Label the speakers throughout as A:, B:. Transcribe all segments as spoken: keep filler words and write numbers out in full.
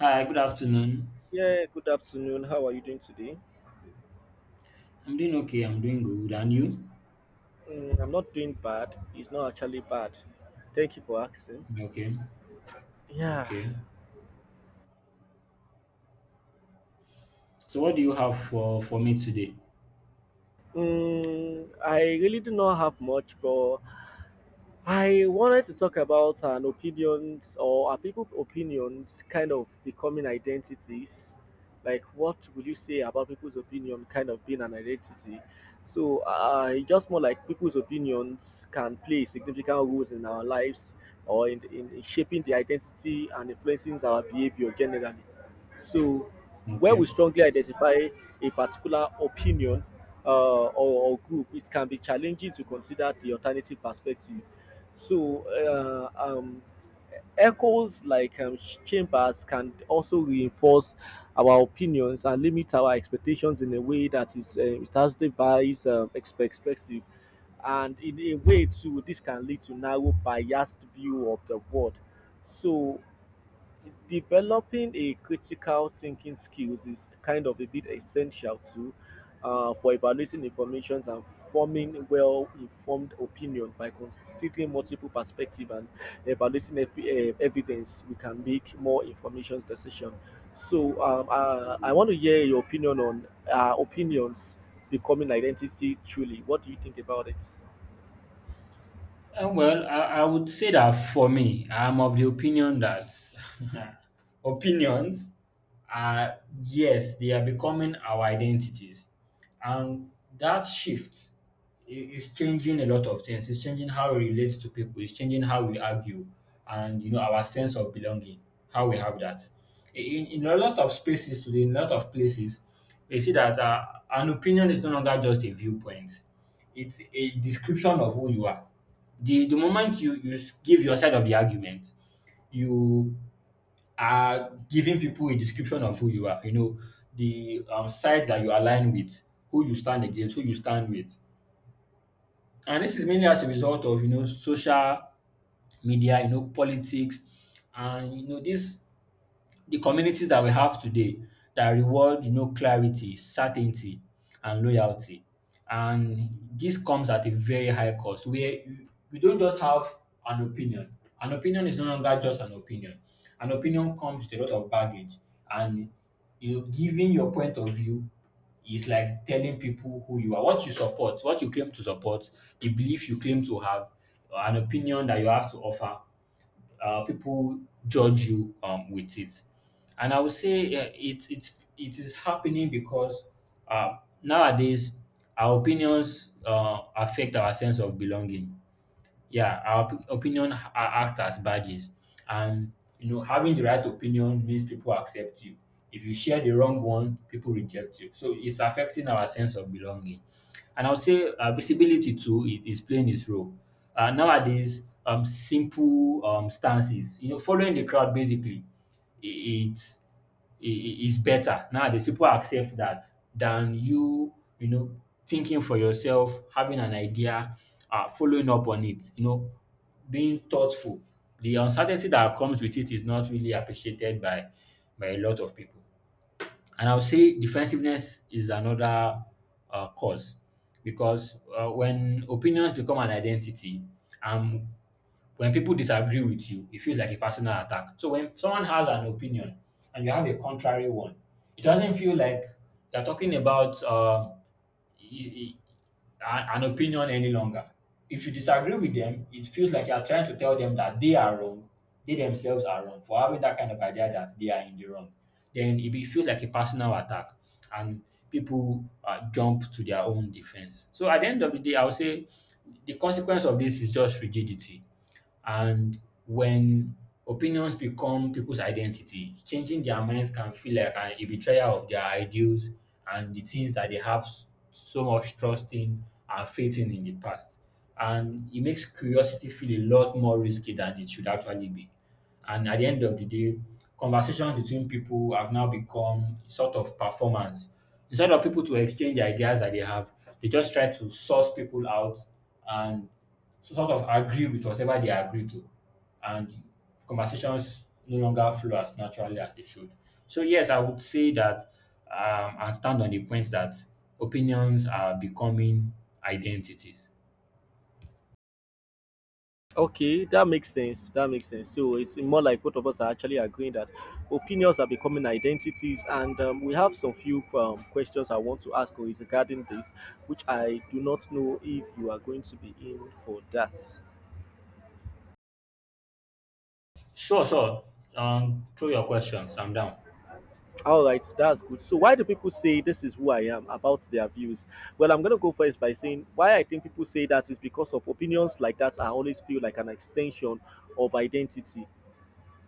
A: Hi, good afternoon.
B: Yeah, good afternoon. How are you doing today?
A: I'm doing okay. I'm doing good. And you?
B: Mm, I'm not doing bad. It's not actually bad. Thank you for asking.
A: Okay.
B: Yeah.
A: Okay. So what do you have for for me today?
B: Mm, I really do not have much, but I wanted to talk about an opinions. Or are people opinions kind of becoming identities? Like, what will you say about people's opinion kind of being an identity? So, uh, it's just more like people's opinions can play significant roles in our lives or in, in shaping the identity and influencing our behavior generally. So, where we
A: Okay.
B: strongly identify a particular opinion uh, or, or group, it can be challenging to consider the alternative perspective. So, uh, um, Echoes like um, chambers can also reinforce our opinions and limit our expectations in a way that is uh, it has devised um, perspective. And in a way too, this can lead to narrow biased view of the world. So developing a critical thinking skills is kind of a bit essential too uh, for evaluating information and forming well-informed opinion. By considering multiple perspectives and evaluating ev- eh, evidence, we can make more information decision. so um, uh, I want to hear your opinion on uh, opinions becoming identity. Truly, what do you think about it?
A: Uh, well, I, I would say that for me, I'm of the opinion that opinions are, yes, they are becoming our identities. And that shift i- is changing a lot of things. It's changing how we relate to people, it's changing how we argue, and you know, our sense of belonging, how we have that. In, in a lot of spaces today, in a lot of places, you see that uh, an opinion is no longer just a viewpoint, it's a description of who you are. The the moment you you s- give your side of the argument, you are giving people a description of who you are. You know the um, side that you align with, who you stand against, who you stand with, and this is mainly as a result of, you know, social media, you know, politics, and you know this. The communities that we have today that reward, you know, clarity, certainty, and loyalty. And this comes at a very high cost where you, you don't just have an opinion. An opinion is no longer just an opinion. An opinion comes with a lot of baggage. And you know, giving your point of view is like telling people who you are, what you support, what you claim to support, the belief you claim to have, or an opinion that you have to offer. Uh, people judge you um, with it. And I would say uh, it, it, it is happening because uh, nowadays our opinions uh, affect our sense of belonging. Yeah, our op- opinion ha- act as badges, and you know having the right opinion means people accept you. If you share the wrong one, people reject you. So it's affecting our sense of belonging. And I would say uh, visibility too i- is playing its role. Uh, nowadays, um, simple um, stances, you know, following the crowd basically, i- it's i- i- is better. Nowadays, people accept that than you, you know, thinking for yourself, having an idea, uh, following up on it, you know, being thoughtful. The uncertainty that comes with it is not really appreciated by by a lot of people. And I would say defensiveness is another uh, cause because uh, when opinions become an identity, um, when people disagree with you, it feels like a personal attack. So when someone has an opinion and you have a contrary one, it doesn't feel like you're talking about uh, y- y- an opinion any longer. If you disagree with them, it feels like you're trying to tell them that they are wrong, they themselves are wrong for having that kind of idea, that they are in the wrong. Then it be- feels like a personal attack, and people uh, jump to their own defense. So at the end of the day, I would say the consequence of this is just rigidity. And when opinions become people's identity, changing their minds can feel like an, a betrayal of their ideals and the things that they have s- so much trust in and faith in in the past. And it makes curiosity feel a lot more risky than it should actually be. And at the end of the day, conversations between people have now become sort of performance. Instead of people to exchange the ideas that they have, they just try to source people out and so sort of agree with whatever they agree to, and conversations no longer flow as naturally as they should. So yes, I would say that um, and stand on the point that opinions are becoming identities.
B: Okay, that makes sense. That makes sense. So it's more like both of us are actually agreeing that opinions are becoming identities, and um, we have some few um, questions I want to ask you is regarding this, which I do not know if you are going to be in for that.
A: Sure, sure. Um, throw your questions. I'm down.
B: All right, that's good. So why do people say this is who I am about their views? Well, I'm gonna go first by saying why I think people say that is because of opinions like that. I always feel like an extension of identity.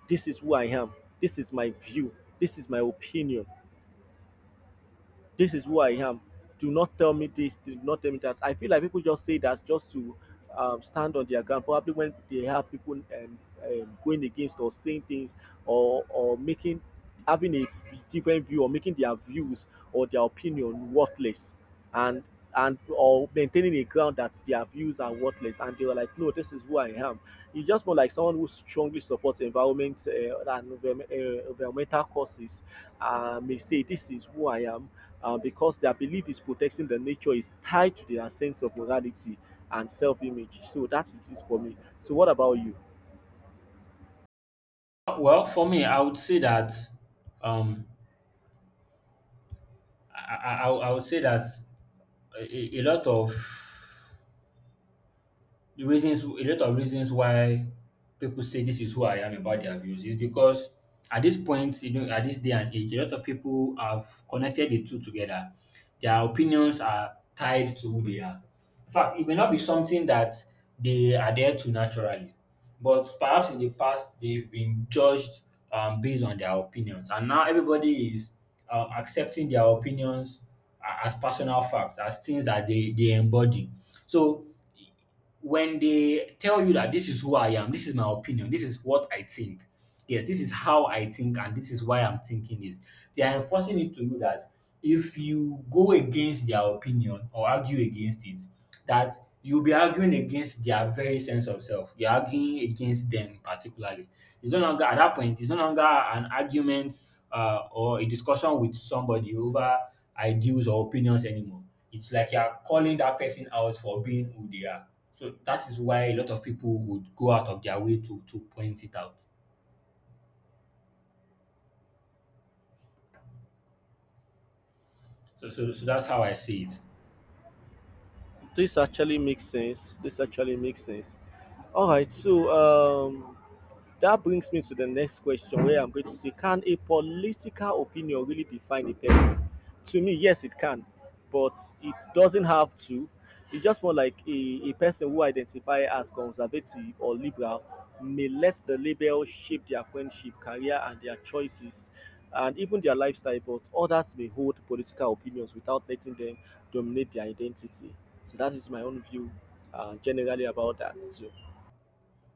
B: This is who I am. This is my view. This is my opinion. This is who I am. Do not tell me this. Do not tell me that. I feel like people just say that just to um, stand on their ground. Probably when they have people um, um, going against or saying things, or or making, having a different view, or making their views or their opinion worthless, and and or maintaining a ground that their views are worthless, and they were like, no, this is who I am. You just more like someone who strongly supports environment uh, and uh, environmental causes uh, may say this is who I am uh, because their belief is protecting the nature is tied to their sense of morality and self-image. So that is it for me. So what about you?
A: Well, for me, I would say that um, I, I, I I would say that a, a a lot of the reasons a lot of reasons why people say this is who I am about their views is because at this point, you know, at this day and age, a lot of people have connected the two together. Their opinions are tied to who they are. In fact, it may not be something that they adhere to naturally, but perhaps in the past they've been judged um, based on their opinions, and now everybody is um, accepting their opinions a- as personal facts, as things that they they embody. So when they tell you that this is who I am, this is my opinion, this is what I think, yes, this is how I think, and this is why I'm thinking this, they are enforcing it to you that if you go against their opinion or argue against it, that you'll be arguing against their very sense of self. You're arguing against them particularly. It's no longer at that point, it's no longer an argument uh, or a discussion with somebody over ideals or opinions anymore. It's like you're calling that person out for being who they are. So that is why a lot of people would go out of their way to to point it out. So so, so that's how I see it.
B: This actually makes sense. This actually makes sense. All right so um That brings me to the next question where I'm going to say, can a political opinion really define a person? To me, yes, it can, but it doesn't have to. It's just more like a, a person who identify as conservative or liberal may let the label shape their friendship, career, and their choices, and even their lifestyle. But others may hold political opinions without letting them dominate their identity. So that is my own view uh, generally about that. So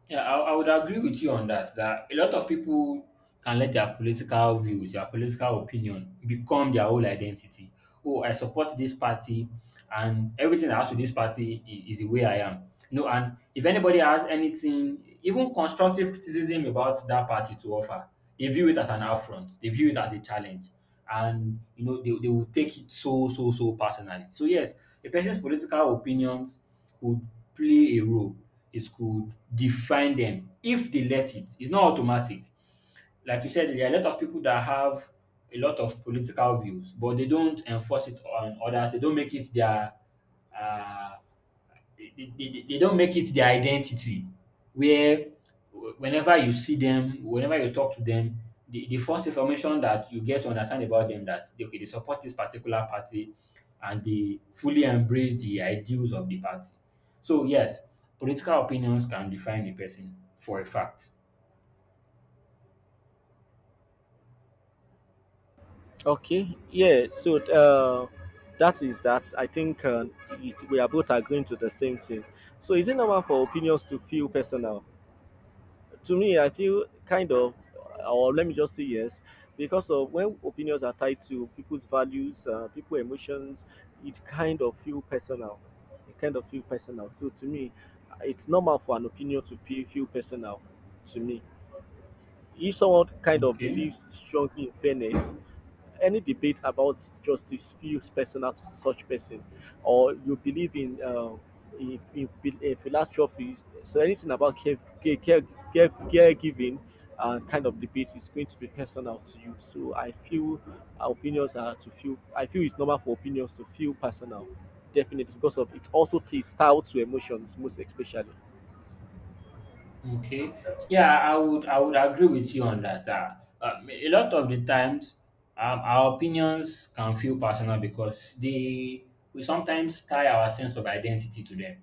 A: Yeah, I, I would agree with you on that. That a lot of people can let their political views, their political opinion become their whole identity. Oh, I support this party and everything I ask to with this party i- is the way I am. No, and if anybody has anything, even constructive criticism about that party to offer, they view it as an affront. They view it as a challenge. And you know, they, they will take it so, so, so personally. So yes, a person's political opinions could play a role. It could define them if they let it. It's not automatic. Like you said, there are a lot of people that have a lot of political views, but they don't enforce it on others. They don't make it their uh, they, they, they don't make it their identity. Where Whenever you see them, whenever you talk to them, the, the first information that you get to understand about them that they, okay, they support this particular party and they fully embrace the ideals of the party. So yes, political opinions can define a person for a fact.
B: okay, yeah. So uh, that is that. I think uh, it, we are both agreeing to the same thing. So is it normal for opinions to feel personal? To me, I feel kind of, or let me just say yes, because of when opinions are tied to people's values, uh, people emotions, it kind of feel personal. It kind of feel personal. So to me, it's normal for an opinion to be feel personal. To me, if someone kind of
A: Okay.
B: believes strongly in fairness, any debate about justice feels personal to such person, or you believe in uh, in, in, in philanthropy, so anything about care, care, care, care, caregiving uh, kind of debate is going to be personal to you. So I feel our opinions are to feel. I feel it's normal for opinions to feel personal, definitely because of it also plays style to emotions most especially.
A: Okay. Yeah, I would I would agree with you on that. Uh, um, a lot of the times, um, our opinions can feel personal because they we sometimes tie our sense of identity to them.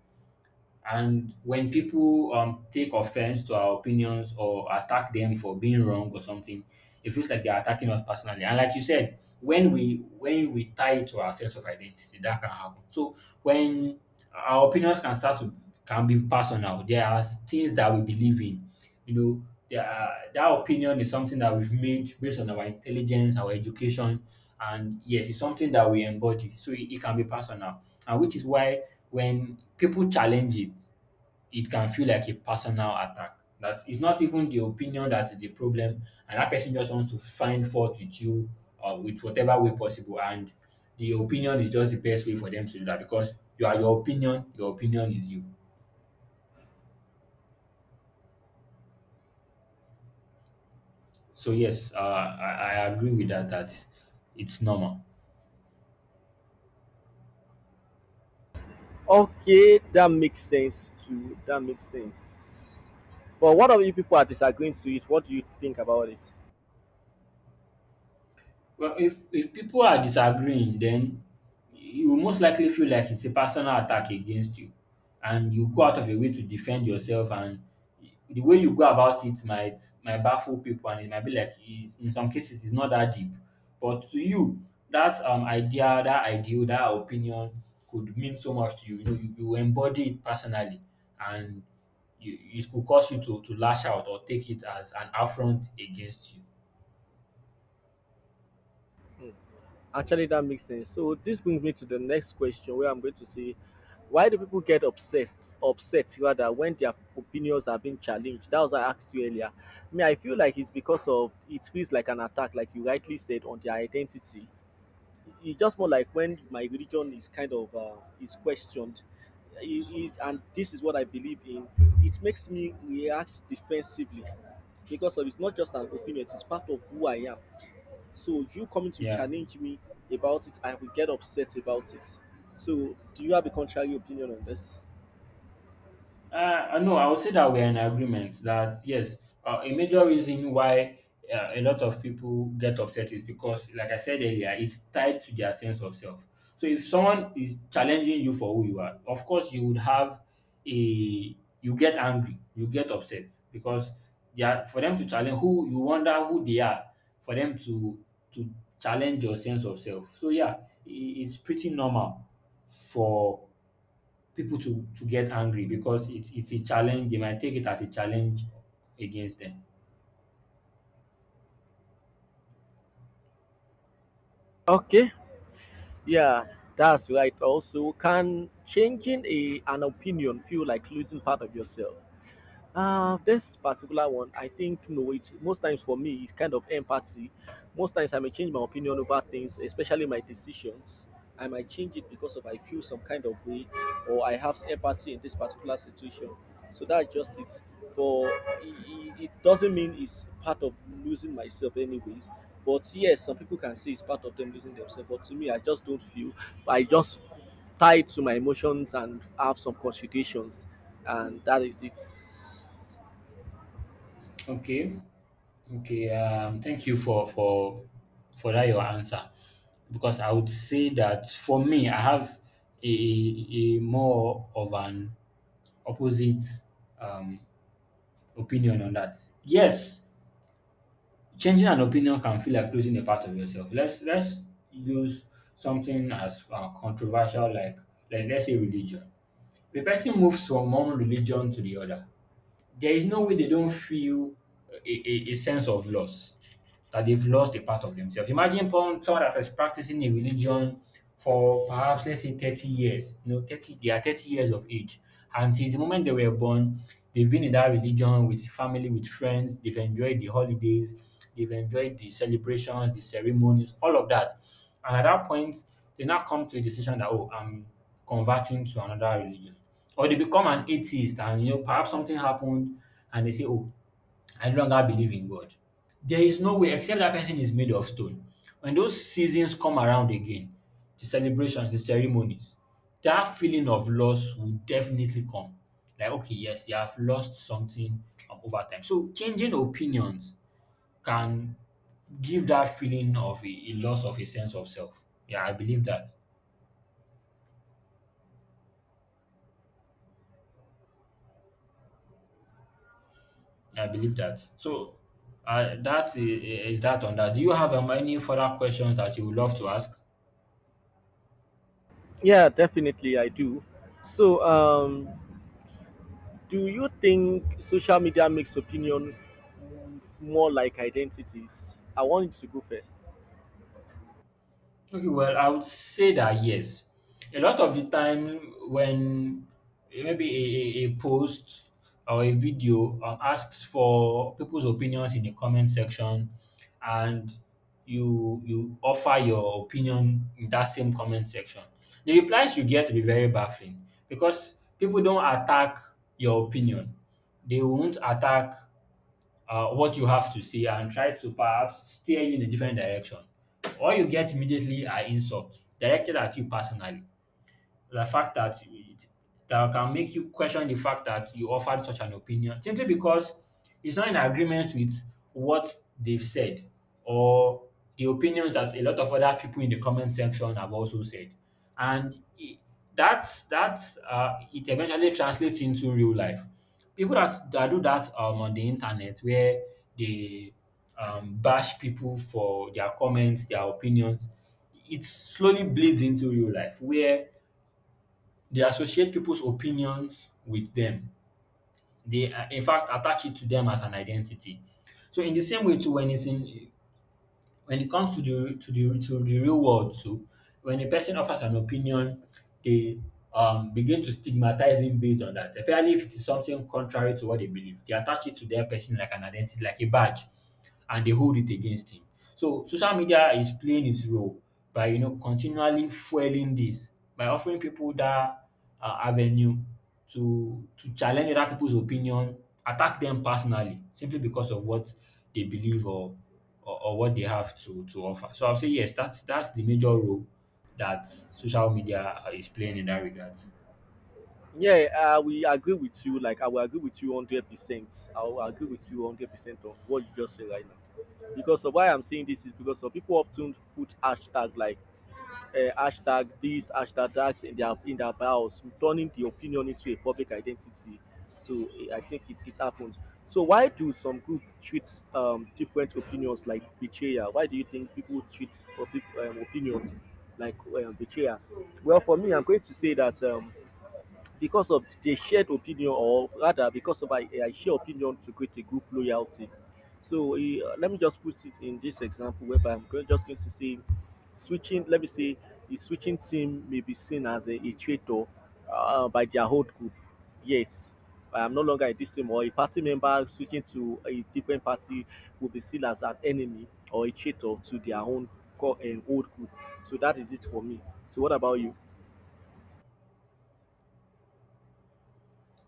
A: And when people um, take offense to our opinions or attack them for being wrong or something, it feels like they're attacking us personally. And like you said, when we when we tie it to our sense of identity, that can happen. So when our opinions can start to can be personal, there are things that we believe in, you know, that, that opinion is something that we've made based on our intelligence, our education, and yes, it's something that we embody. So it, it can be personal, and which is why when people challenge it, it can feel like a personal attack. That it's not even the opinion that is the problem, and that person just wants to find fault with you or with whatever way possible. And the opinion is just the best way for them to do that because you are your opinion, your opinion is you. So yes, uh, I, I agree with that. That it's normal.
B: Okay, that makes sense too. That makes sense. But what of you people are disagreeing to it? What do you think about it?
A: Well, if if people are disagreeing, then you will most likely feel like it's a personal attack against you, and you go out of your way to defend yourself. And the way you go about it might might baffle people, and it might be like it's, in some cases it's not that deep. But to you, that um idea, that ideal, that opinion could mean so much to you. You know, you, you embody it personally, and you, it could cause you to to lash out or take it as an affront against you.
B: Actually, that makes sense. So this brings me to the next question, where I'm going to say, why do people get obsessed, upset rather, when their opinions are being challenged? That was what I asked you earlier. Me, I feel like it's because of it feels like an attack, like you rightly said, on their identity. It's just more like when my religion is kind of uh, is questioned. It, it, and this is what I believe in. It makes me react defensively because of it's not just an opinion, it's part of who I am. So you coming to
A: Yeah.
B: challenge me about it, I will get upset about it. So do you have a contrary opinion on this?
A: Uh, no, I would say that we're in agreement that yes, uh, a major reason why uh, a lot of people get upset is because, like I said earlier, it's tied to their sense of self. So if someone is challenging you for who you are, of course you would have a you get angry, you get upset because they are, for them to challenge who you wonder who they are, for them to to challenge your sense of self. So yeah, i- it's pretty normal for people to to get angry because it's it's a challenge. They might take it as a challenge against them.
B: Okay, yeah, that's right. Also, can changing a, an opinion feel like losing part of yourself? Uh, this particular one, I think no. It's most times for me, it's kind of empathy. Most times I may change my opinion over things, especially my decisions. I might change it because of I feel some kind of way, or I have empathy in this particular situation. So that's just it. But it, it doesn't mean it's part of losing myself, anyways. But yes, some people can say it's part of them losing themselves. But to me, I just don't feel. I just tied to my emotions and have some considerations, and that is it.
A: Okay, okay. Um, thank you for for for that your answer because I would say that for me I have a a more of an opposite um opinion on that. Yes, changing an opinion can feel like losing a part of yourself. Let's let's use something as uh, controversial like like let's say religion. The person moves from one religion to the other, there is no way they don't feel a, a, a sense of loss that they've lost a part of themselves. Imagine pon- someone that is practicing a religion for perhaps let's say thirty years. You know, thirty they are thirty years of age. And since the moment they were born, they've been in that religion with family, with friends, they've enjoyed the holidays, they've enjoyed the celebrations, the ceremonies, all of that. And at that point, they now come to a decision that, oh, I'm converting to another religion. Or they become an atheist, and you know, perhaps something happened and they say, oh, I no longer believe in God. There is no way, except that person is made of stone. When those seasons come around again, the celebrations, the ceremonies, that feeling of loss will definitely come. Like, okay, yes, you have lost something um, over time. So changing opinions can give that feeling of a, a loss of a sense of self. Yeah, I believe that. I believe that. So uh, that is, is that on that. Do you have um, any further questions that you would love to ask?
B: Yeah, definitely I do. so um do you think social media makes opinion more like identities? I want you to go first.
A: Okay, well, I would say that yes. A lot of the time, when eh, maybe a, a, a post or a video um, asks for people's opinions in the comment section, and you you offer your opinion in that same comment section, the replies you get will be very baffling because people don't attack your opinion. They won't attack uh, what you have to say and try to perhaps steer you in a different direction. All you get immediately are insults directed at you personally. The fact that it, that can make you question the fact that you offered such an opinion simply because it's not in agreement with what they've said or the opinions that a lot of other people in the comment section have also said. And it, that's that's uh, it eventually translates into real life. People that, that do that um, on the internet where they um, bash people for their comments, their opinions, it slowly bleeds into real life where they associate people's opinions with them. They, uh, in fact, attach it to them as an identity. So, in the same way, too, when it's in when it comes to the to the to the real world too, when a person offers an opinion, they um begin to stigmatize him based on that, especially if it is something contrary to what they believe. They attach it to their person like an identity, like a badge, and they hold it against him. So social media is playing its role by, you know, continually fueling this by offering people that uh, avenue to to challenge other people's opinion, attack them personally simply because of what they believe or or, or what they have to to offer. So I'll say yes, that's that's the major role that social media uh, is playing in that regard.
B: Yeah, uh, we agree with you. Like, I will agree with you 100 percent. I will agree with you 100 percent on what you just said right now. Because of why I'm saying this is because of people often put hashtag like uh, hashtag this, hashtag that in their in their bios, turning the opinion into a public identity. So eh, I think it, it happens. So why do some group treat um, different opinions like betrayal? Why do you think people treat public um, opinions like um, betrayal? Well, for me, I'm going to say that um, because of the shared opinion, or rather, because of a, a shared opinion to create a group loyalty. So eh, let me just put it in this example whereby I'm go- just going to say switching, let me say, the switching team may be seen as a, a traitor uh, by their whole group. Yes, I'm no longer in this team, or a party member switching to a different party will be seen as an enemy or a traitor to their own co- and old group. So that is it for me. So, what about you?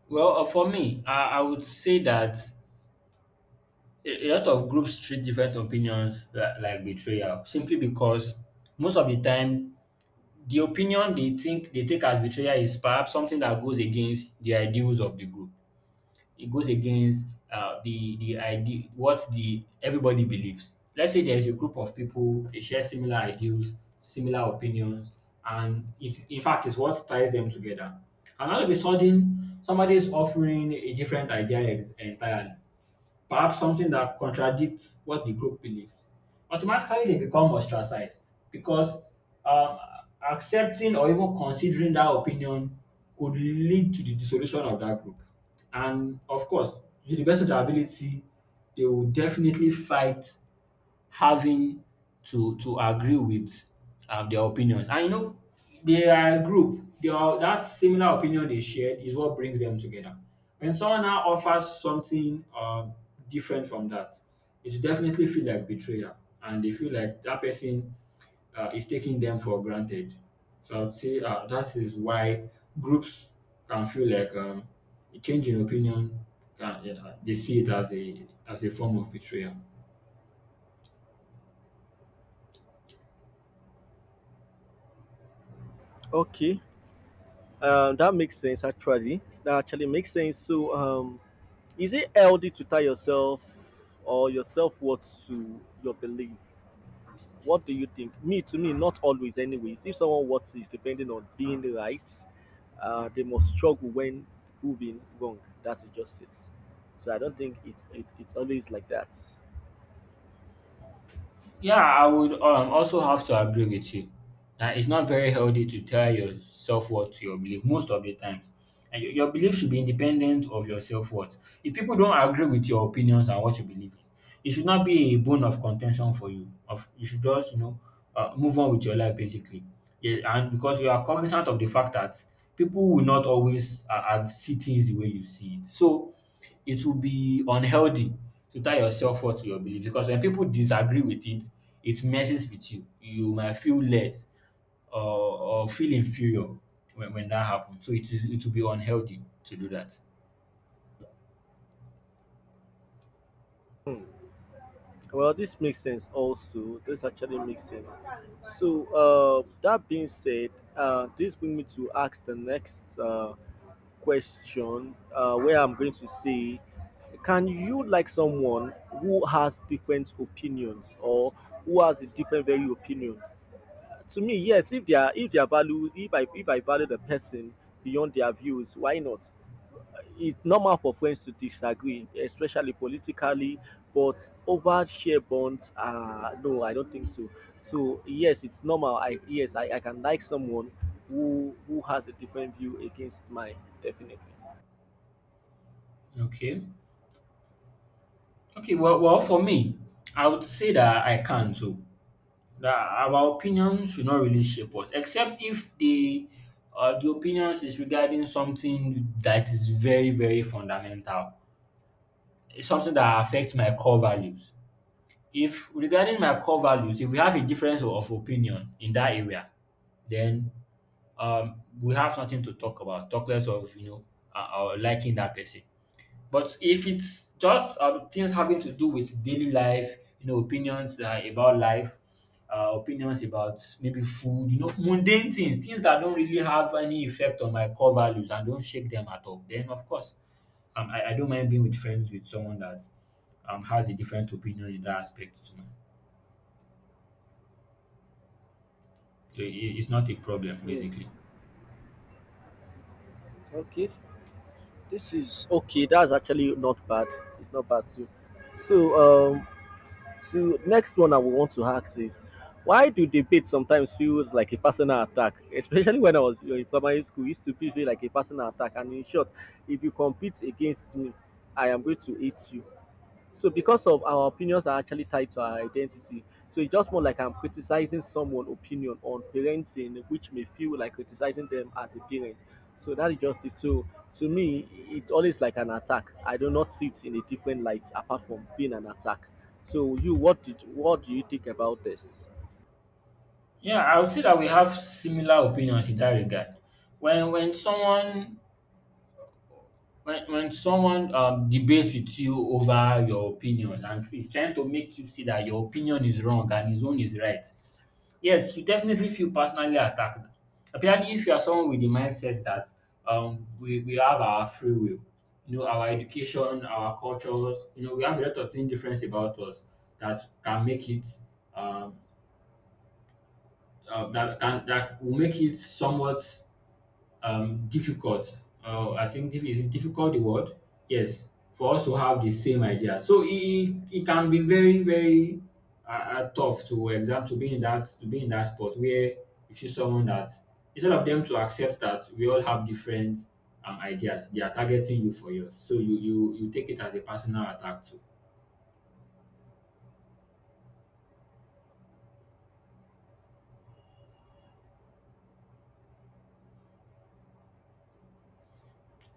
A: Well, uh, for me, I, I would say that a, a lot of groups treat different opinions like, like betrayal simply because most of the time the opinion they think they take as betrayal is perhaps something that goes against the ideals of the group. It goes against uh, the the idea what the everybody believes. Let's say there is a group of people they share similar ideals, similar opinions, and it's in fact is what ties them together. And all of a sudden, somebody is offering a different idea ex- entirely, perhaps something that contradicts what the group believes, automatically they become ostracized because um, accepting or even considering that opinion could lead to the dissolution of that group. And of course, to the best of their ability, they will definitely fight having to to agree with um, their opinions. And you know, they are a group. They are, that similar opinion they shared is what brings them together. When someone now offers something um, different from that, it definitely feel like betrayal, and they feel like that person uh, is taking them for granted. So I would say uh, that is why groups can feel like, um, a change in opinion. Can, yeah, they see it as a as a form of betrayal.
B: Okay. Um, that makes sense actually. That actually makes sense. So, um, is it healthy to tie yourself or your self worth to your belief? What do you think? Me, to me, not always, anyways. If someone worth is depending on being right, uh, they must struggle when proving wrong. That's just it. So I don't think it's it's it's always like that.
A: Yeah, I would um also have to agree with you that it's not very healthy to tell your self worth to your belief most of the times. And your your belief should be independent of your self worth. If people don't agree with your opinions and what you believe in, it should not be a bone of contention for you. Of you should just, you know, uh, move on with your life basically. Yeah, and because you are cognizant of the fact that people will not always uh, uh, see things the way you see it. So it will be unhealthy to tie yourself up to your belief because when people disagree with it, it messes with you. You might feel less or, or feel inferior when, when that happens. So it is it will be unhealthy to do that.
B: Well, this makes sense also. This actually makes sense. So, uh, that being said, uh, this brings me to ask the next uh, question uh, where I'm going to say, can you like someone who has different opinions, or who has a different very opinion? To me, yes, if they are, if they are value, if I, if I value the person beyond their views, why not? It's normal for friends to disagree, especially politically, but over share bonds, uh, no, I don't think so. So yes, it's normal. I yes, I, I can like someone who who has a different view against mine, definitely.
A: Okay. Okay. Well, well, for me, I would say that I can too. That our opinion should not really shape us, except if the uh, the opinions is regarding something that is very very fundamental. It's something that affects my core values. If regarding my core values, if we have a difference of opinion in that area, then um, we have nothing to talk about. Talk less of you know uh, uh, liking that person. But if it's just uh, things having to do with daily life, you know, opinions uh, about life, uh, opinions about maybe food, you know, mundane things, things that don't really have any effect on my core values and don't shake them at all, then of course, um, I, I don't mind being with friends with someone that um, has a different opinion in that aspect to mine. So i- i- it's not a problem basically.
B: Okay, this is okay. That's actually not bad. It's not bad too. So um, So next one I would want to ask is why do debate sometimes feels like a personal attack? Especially when I was, you know, in primary school, it used to be feel like a personal attack. And in short, if you compete against me, I am going to hate you. So because of our opinions are actually tied to our identity. So it's just more like I'm criticizing someone's opinion on parenting, which may feel like criticizing them as a parent. So that is just it. So to me, it's always like an attack. I do not see it in a different light apart from being an attack. So you, what did, what do you think about this?
A: Yeah, I would say that we have similar opinions in that regard. When when someone when when someone um, debates with you over your opinion and is trying to make you see that your opinion is wrong and his own is right, yes, you definitely feel personally attacked. Apparently, if you are someone with the mindset that um, we, we have our free will, you know, our education, our cultures, you know, we have a lot of things different about us that can make it um, uh, that can that will make it somewhat um, difficult. Uh, I think diff- is it difficult the word? Yes, for us to have the same idea. So it, it it can be very very uh, uh, tough to exam to be in that to be in that spot where you see someone that instead of them to accept that we all have different um, ideas, they are targeting you for yours. So you you you take it as a personal attack too.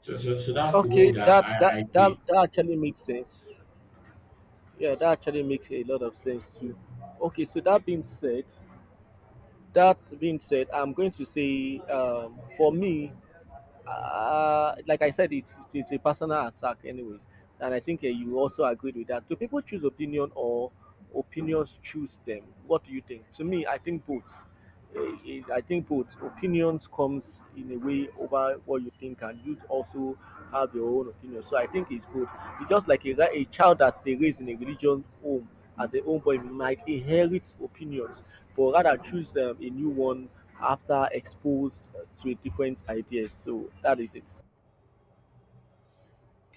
A: So so so that's the
B: Okay,
A: way that
B: that
A: I
B: that
A: I
B: that,
A: see it.
B: that actually makes sense. Yeah, that actually makes a lot of sense too. Okay, so that being said, that being said, I'm going to say um, for me, uh, like I said, it's, it's a personal attack, anyways. And I think uh, you also agreed with that. Do people choose opinion, or opinions choose them? What do you think? To me, I think both. Eh, eh, I think both opinions comes in a way over what you think, and you also have your own opinion. So I think it's both. It's just like a, ra- a child that they raise in a religion home as a homeboy might inherit opinions, but rather choose um, a new one after exposed to different ideas. So that is it.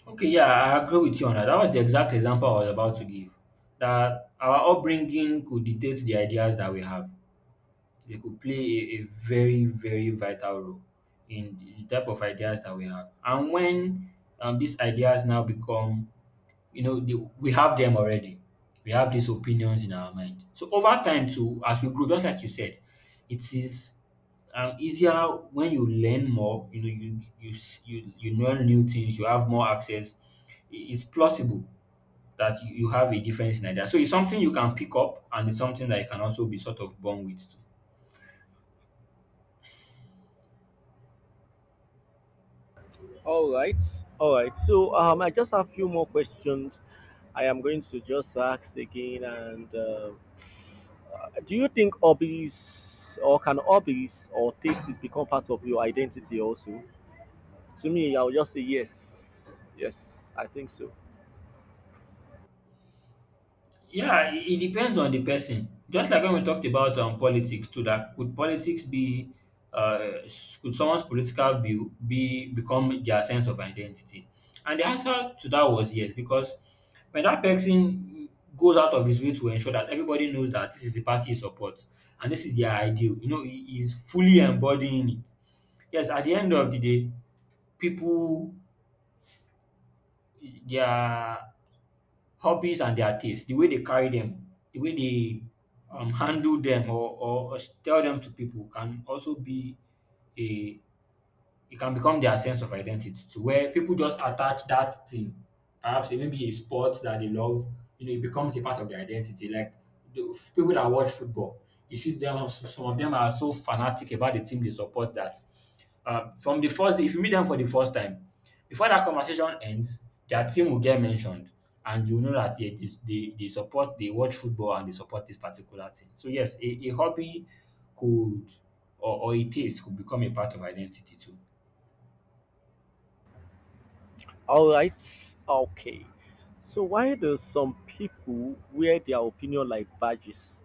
A: Okay, yeah, I agree with you on that. That was the exact example I was about to give. That our upbringing could dictate the ideas that we have. They could play a, a very, very vital role in the type of ideas that we have. And when um, these ideas now become, you know, the, we have them already. We have these opinions in our mind. So over time, too, as we grow, just like you said, it is um, easier when you learn more, you know, you you s- you, you learn new things, you have more access, i- it's plausible that you, you have a difference in idea, so it's something you can pick up and it's something that you can also be sort of born with too.
B: All right. All right. So um, I just have a few more questions. I am going to just ask again. And uh, do you think hobbies, or can hobbies or tastes become part of your identity also? To me, I'll just say yes. Yes, I think so.
A: Yeah, it it depends on the person. Just like when we talked about um, politics too, that could politics be, uh, s- could someone's political view be become their sense of identity? And the answer to that was yes, because when that person goes out of his way to ensure that everybody knows that this is the party he supports and this is their ideal, you know, he is fully embodying it. Yes, at the end of the day, people, their hobbies and their taste, the way they carry them, the way they um, handle them or, or, or tell them to people can also be a, it can become their sense of identity to where people just attach that thing, perhaps it may be a sport that they love, you know, it becomes a part of their identity. Like the f- people that watch football, you see them, some of them are so fanatic about the team they support that uh, from the first, if you meet them for the first time, before that conversation ends, their team will get mentioned. And you know that yeah, this, they, they support, they watch football and they support this particular team. So, yes, a, a hobby could, or, or a taste could become a part of identity too.
B: All right. Okay. So why do some people wear their opinion like badges?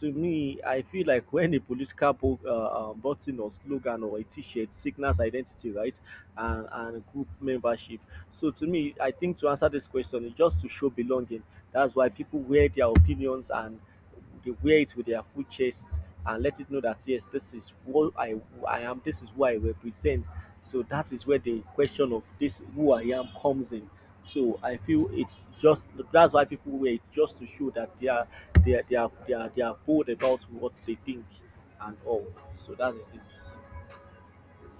B: To me, I feel like when a political bo- uh, um, button or slogan or a T-shirt signals identity, right, and, and group membership. So to me, I think to answer this question, it's just to show belonging. That's why people wear their opinions, and they wear it with their full chest and let it know that yes, this is what I I am. This is who I represent. So that is where the question of this who I am comes in. So I feel it's just that's why people wear it just to show that they are they are they are they are, they are bold about what they think and all. So that is it.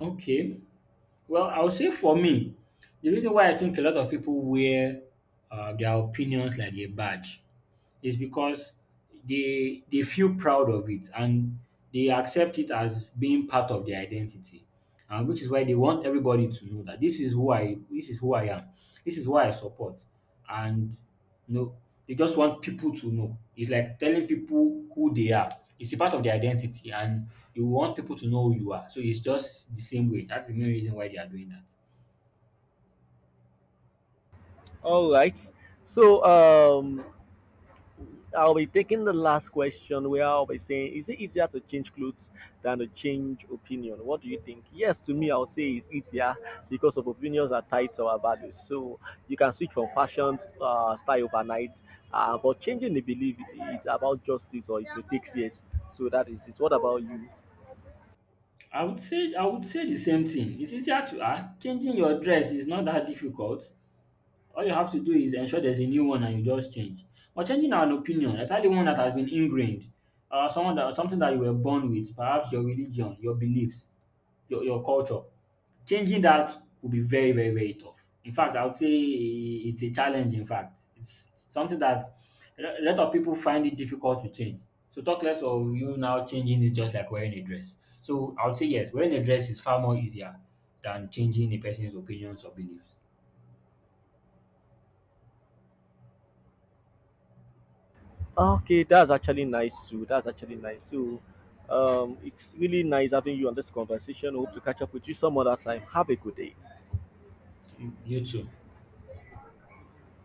A: Okay. Well, I would say for me, the reason why I think a lot of people wear uh, their opinions like a badge is because they they feel proud of it and they accept it as being part of their identity and which is why they want everybody to know that this is who i this is who I am, this is why I support, and, you know, they just want people to know, it's like telling people who they are, it's a part of their identity, and you want people to know who you are, so it's just the same way, that's the main reason why they are doing that.
B: All right. So um I'll be taking the last question where I'll be saying, is it easier to change clothes than to change opinion? What do you think? Yes, to me, I would say it's easier because of opinions are tied to our values. So you can switch from fashion uh, style overnight, uh, but changing the belief is about justice or it takes years. So that is it. What about you?
A: I would say I would say the same thing. It's easier to ask. Changing your dress is not that difficult. All you have to do is ensure there's a new one and you just change. But changing an opinion, especially one that has been ingrained, uh, someone that something that you were born with, perhaps your religion, your beliefs, your, your culture, changing that will be very, very, very tough. In fact, I would say it's a challenge. In fact, it's something that a lot of people find it difficult to change. So talk less of you now changing it just like wearing a dress. So I would say yes, wearing a dress is far more easier than changing a person's opinions or beliefs.
B: Okay, that's actually nice too. That's actually nice. So um, it's really nice having you on this conversation. Hope to catch up with you some other time. Have a good day.
A: Mm, you too.